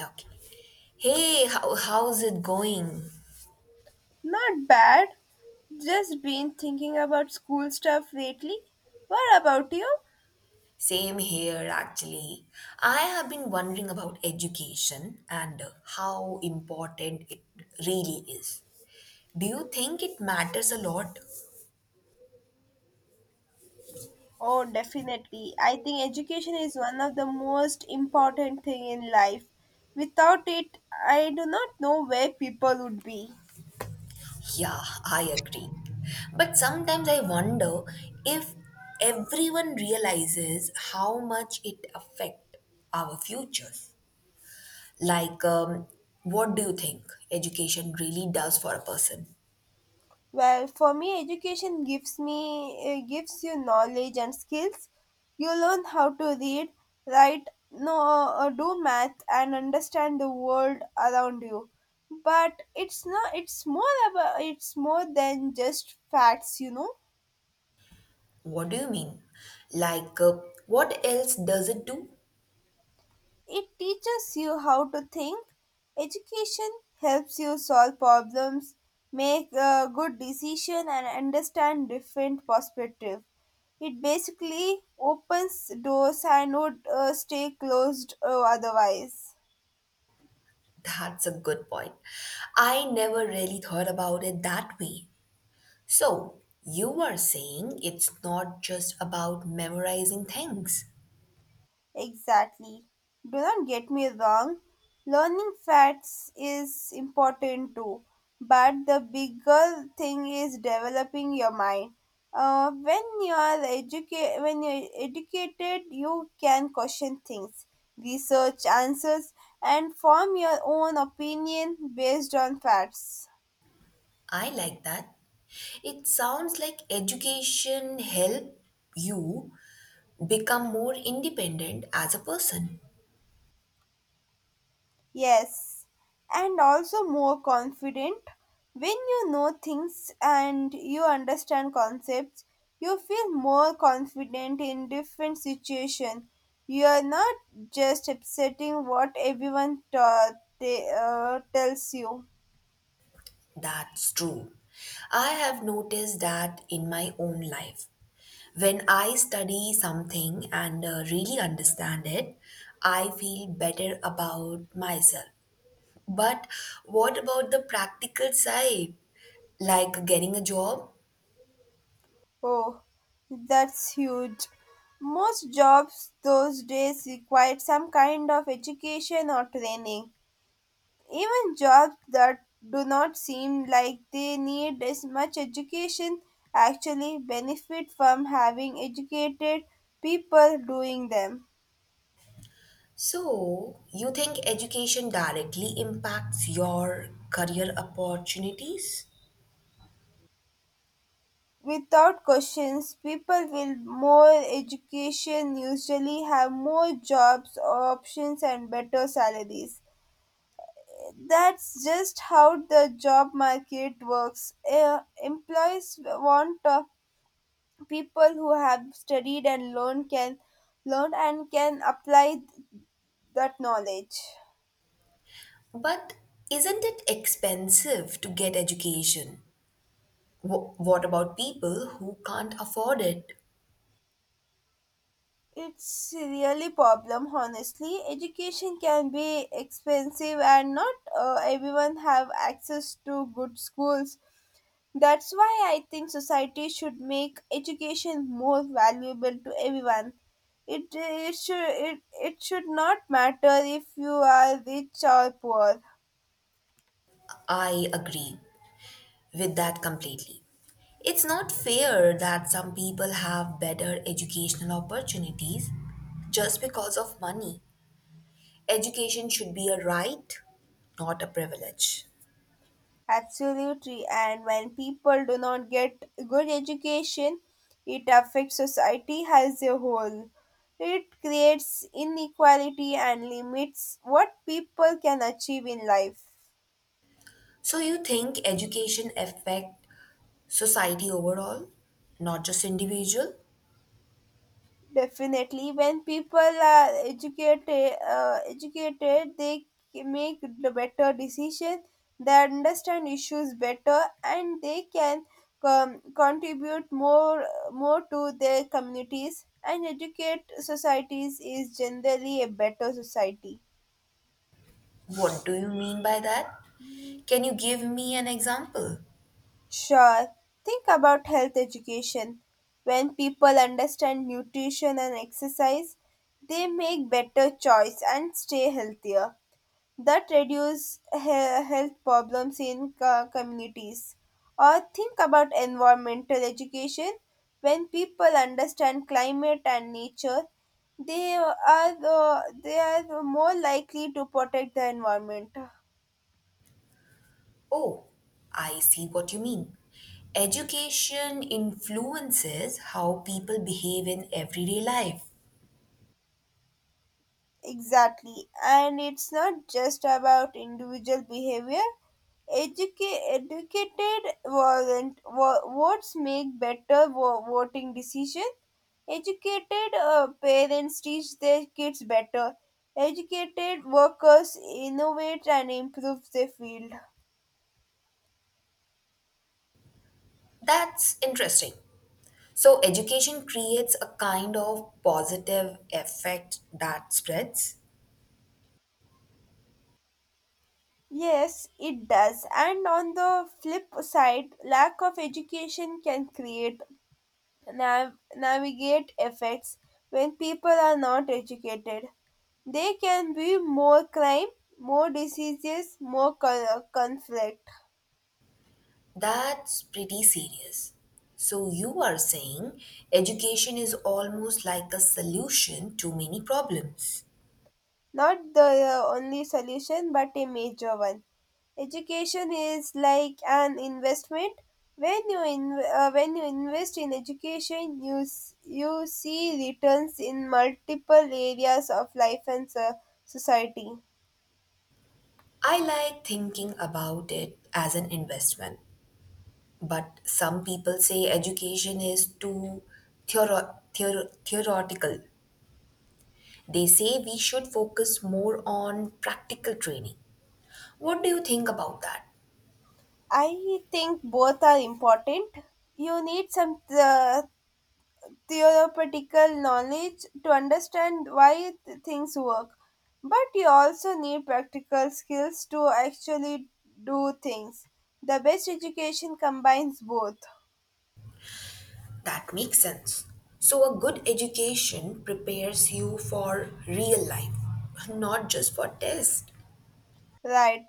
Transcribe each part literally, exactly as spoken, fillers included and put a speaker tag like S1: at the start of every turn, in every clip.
S1: Okay. Hey, how, how's it going?
S2: Not bad. Just been thinking about school stuff lately. What about you?
S1: Same here, actually. I have been wondering about education and uh, how important it really is. Do you think it matters a lot?
S2: Oh, definitely. I think education is one of the most important thing in life. Without it, I do not know where people would be.
S1: Yeah, I agree. But sometimes I wonder if everyone realizes how much it affects our futures. Like, um, what do you think education really does for a person?
S2: Well, for me, education gives me uh, gives you knowledge and skills. You learn how to read, write, know, uh, do math, and understand the world around you. But it's not. It's more about. It's more than just facts, you know.
S1: What do you mean? Like, uh, what else does it do?
S2: It teaches you how to think. Education helps you solve problems, make a good decision, and understand different perspective. It basically opens doors and would uh, stay closed uh, otherwise.
S1: That's a good point. I never really thought about it that way. So, you are saying it's not just about memorizing things.
S2: Exactly. Do not get me wrong, learning facts is important too, but the bigger thing is developing your mind. Uh, when you are educa- when you're educated, you can question things, research answers, and form your own opinion based on facts.
S1: I like that. It sounds like education help you become more independent as a person.
S2: Yes, and also more confident. When you know things and you understand concepts, you feel more confident in different situations. You are not just accepting what everyone ta- they, uh, tells you.
S1: That's true. I have noticed that in my own life. When I study something and uh, really understand it, I feel better about myself. But what about the practical side, like getting a job?
S2: Oh, that's huge. Most jobs those days require some kind of education or training. Even jobs that do not seem like they need as much education actually benefit from having educated people doing them.
S1: So, you think education directly impacts your career opportunities?
S2: Without questions, people with more education usually have more jobs options and better salaries. That's just how the job market works. Eh, employees want uh, people who have studied and learned can learn and can apply that knowledge.
S1: But isn't it expensive to get education? Wh- What about people who can't afford it?
S2: It's really problem, honestly. Education can be expensive and not uh, everyone have access to good schools. That's why I think society should make education more valuable to everyone. It it should it, it should not matter if you are rich or poor.
S1: I agree with that completely. It's not fair that some people have better educational opportunities just because of money. Education should be a right, not a privilege.
S2: Absolutely. And when people do not get good education, it affects society as a whole. It creates inequality and limits what people can achieve in life.
S1: So you think education affect society overall, not just individual?
S2: Definitely, when people are educated, uh, educated, they c- make the better decisions. They understand issues better, and they can com- contribute more more to their communities. And educate societies is generally a better society.
S1: What do you mean by that? Can you give me an example?
S2: Sure. Think about health education. When people understand nutrition and exercise, they make better choice and stay healthier. That reduce he- health problems in co- communities. Or think about environmental education. When people understand climate and nature, they are uh, they are more likely to protect the environment.
S1: Oh, I see what you mean. Education influences how people behave in everyday life.
S2: Exactly. And it's not just about individual behavior. Educa- educated warrant wa- votes make better vo- voting decision. Educated uh, parents teach their kids better. Educated workers innovate and improve their field.
S1: That's interesting. So, education creates a kind of positive effect that spreads?
S2: Yes, it does. And on the flip side, lack of education can create nav- navigate effects when people are not educated. They can be more crime, more diseases, more co- conflict.
S1: That's pretty serious. So, you are saying education is almost like a solution to many problems.
S2: Not the uh, only solution, but a major one. Education is like an investment. When you in, uh, when you invest in education, you s- you see returns in multiple areas of life and so- society.
S1: I like thinking about it as an investment, but some people say education is too theoro- theor- theoretical. They say we should focus more on practical training. What do you think about that?
S2: I think both are important. You need some uh, theoretical knowledge to understand why th- things work, but you also need practical skills to actually do things. The best education combines both,
S1: That makes sense. So, a good education prepares you for real life, not just for tests.
S2: right?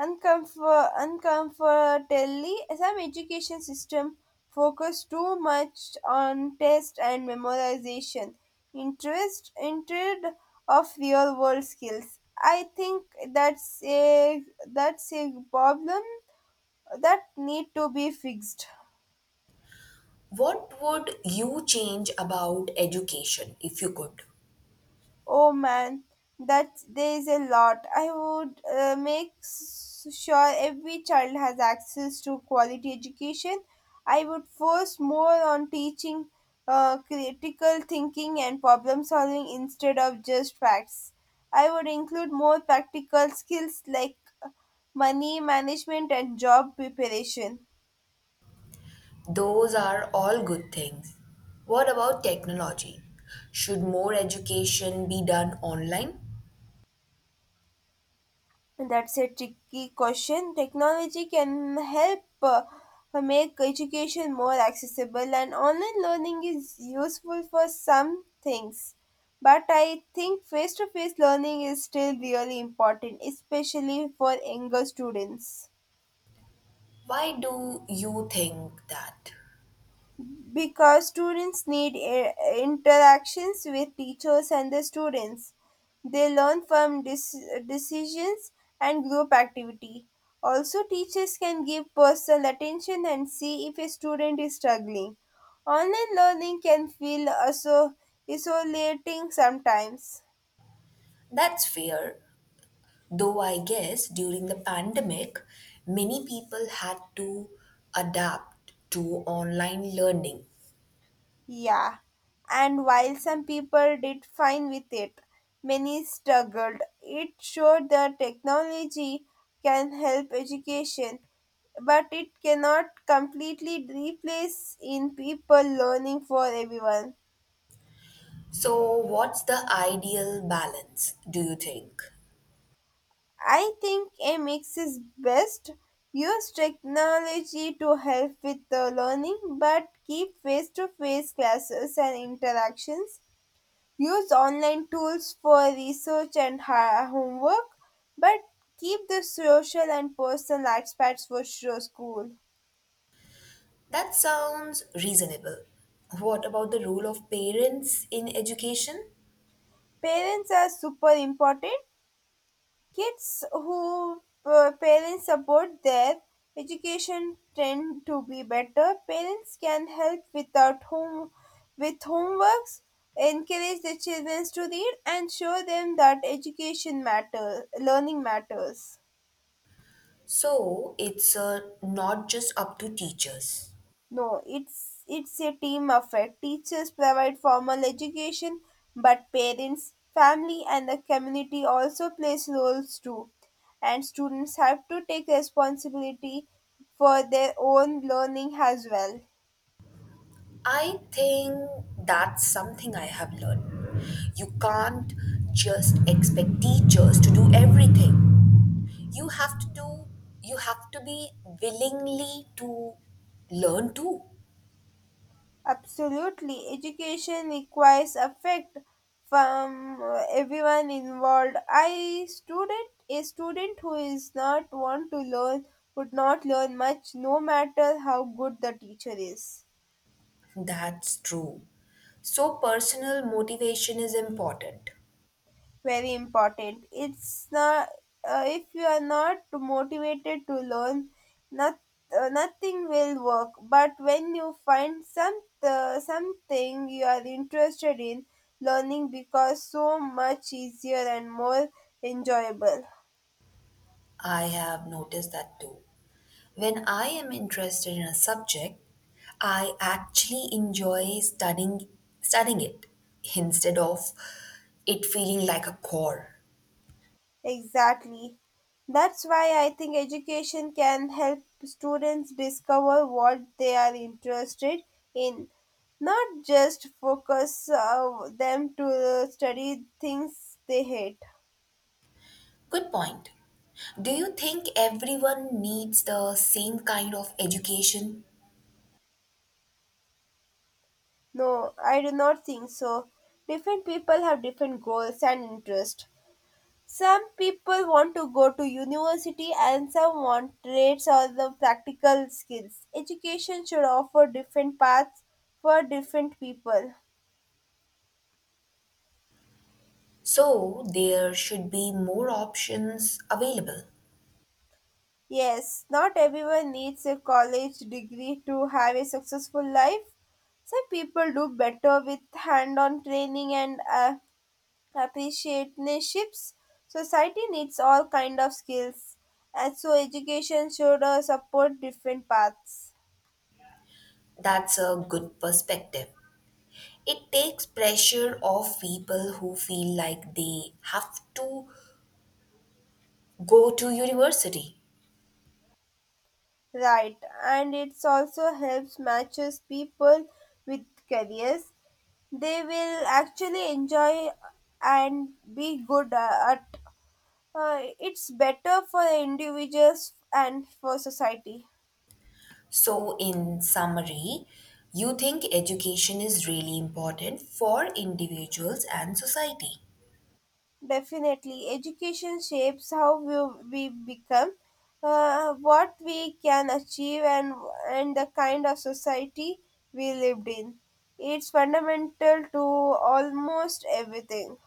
S2: Uncomfort- uncomfortably, some education system focus too much on test and memorization, interest instead of real-world skills. I think that's a that's a problem that need to be fixed.
S1: What would you change about education if you could?
S2: Oh man, that there is a lot. I would uh, make s- sure every child has access to quality education. I would force more on teaching uh, critical thinking and problem solving instead of just facts. I would include more practical skills like money management and job preparation.
S1: Those are all good things. What about technology? Should more education be done online?
S2: That's a tricky question. Technology can help uh, make education more accessible, and online learning is useful for some things. But I think face to face learning is still really important, especially for younger students.
S1: Why do you think that?
S2: Because students need i- interactions with teachers and the students. They learn from dec- decisions and group activity. Also, teachers can give personal attention and see if a student is struggling. Online learning can feel also isolating sometimes.
S1: That's fair. Though I guess during the pandemic, many people had to adapt to online learning.
S2: Yeah, and while some people did fine with it, many struggled. It showed that technology can help education, but it cannot completely replace in people learning for everyone.
S1: So, what's the ideal balance, do you think?
S2: I think a mix is best. Use technology to help with the learning, but keep face to face classes and interactions. Use online tools for research and ha- homework, but keep the social and personal aspects for sure school.
S1: That sounds reasonable. What about the role of parents in education?
S2: Parents are super important. Kids who uh, parents support their education tend to be better. Parents can help without home with homeworks, encourage the children to read, and show them that education matters, learning matters.
S1: So, it's uh, not just up to teachers.
S2: No, it's it's a team affair. Teachers provide formal education, but parents, family, and the community also plays roles too. And students have to take responsibility for their own learning as well.
S1: I think that's something I have learned. You can't just expect teachers to do everything, you have to do you have to be willingly to learn too.
S2: Absolutely, education requires affect from uh, everyone involved. I student a student who is not want to learn would not learn much, no matter how good the teacher is.
S1: That's true, so personal motivation is important.
S2: Very important. It's not, uh, if you are not motivated to learn not, uh, nothing will work. But when you find some uh, something you are interested in, learning becomes so much easier and more enjoyable.
S1: I have noticed that too. When I am interested in a subject, I actually enjoy studying studying it, instead of it feeling like a chore.
S2: Exactly. That's why I think education can help students discover what they are interested in, not just focus uh, them to study things they hate.
S1: Good point. Do you think everyone needs the same kind of education?
S2: No, I do not think so. Different people have different goals and interests. Some people want to go to university and some want trades or the practical skills. Education should offer different paths for different people.
S1: So there should be more options available.
S2: Yes, not everyone needs a college degree to have a successful life. Some people do better with hand on training and uh, apprenticeships. Society needs all kind of skills, and so education should uh, support different paths.
S1: That's a good perspective. It takes pressure off people who feel like they have to go to university.
S2: Right, and it also helps matches people with careers they will actually enjoy and be good uh, at. Uh, it's better for the individuals and for society.
S1: So, in summary, you think education is really important for individuals and society.
S2: Definitely, education shapes how we, we become, uh, what we can achieve, and and the kind of society we lived in. It's fundamental to almost everything.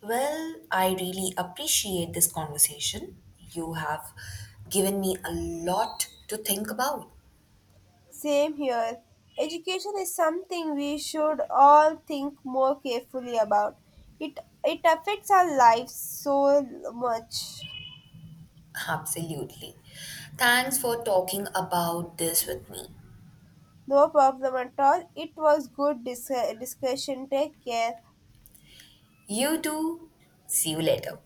S1: Well, I really appreciate this conversation. You have given me a lot to think about.
S2: Same here. Education is something we should all think more carefully about. It it affects our lives so much.
S1: Absolutely. Thanks for talking about this with me.
S2: No problem at all. It was good dis- discussion. Take care.
S1: You too. See you later.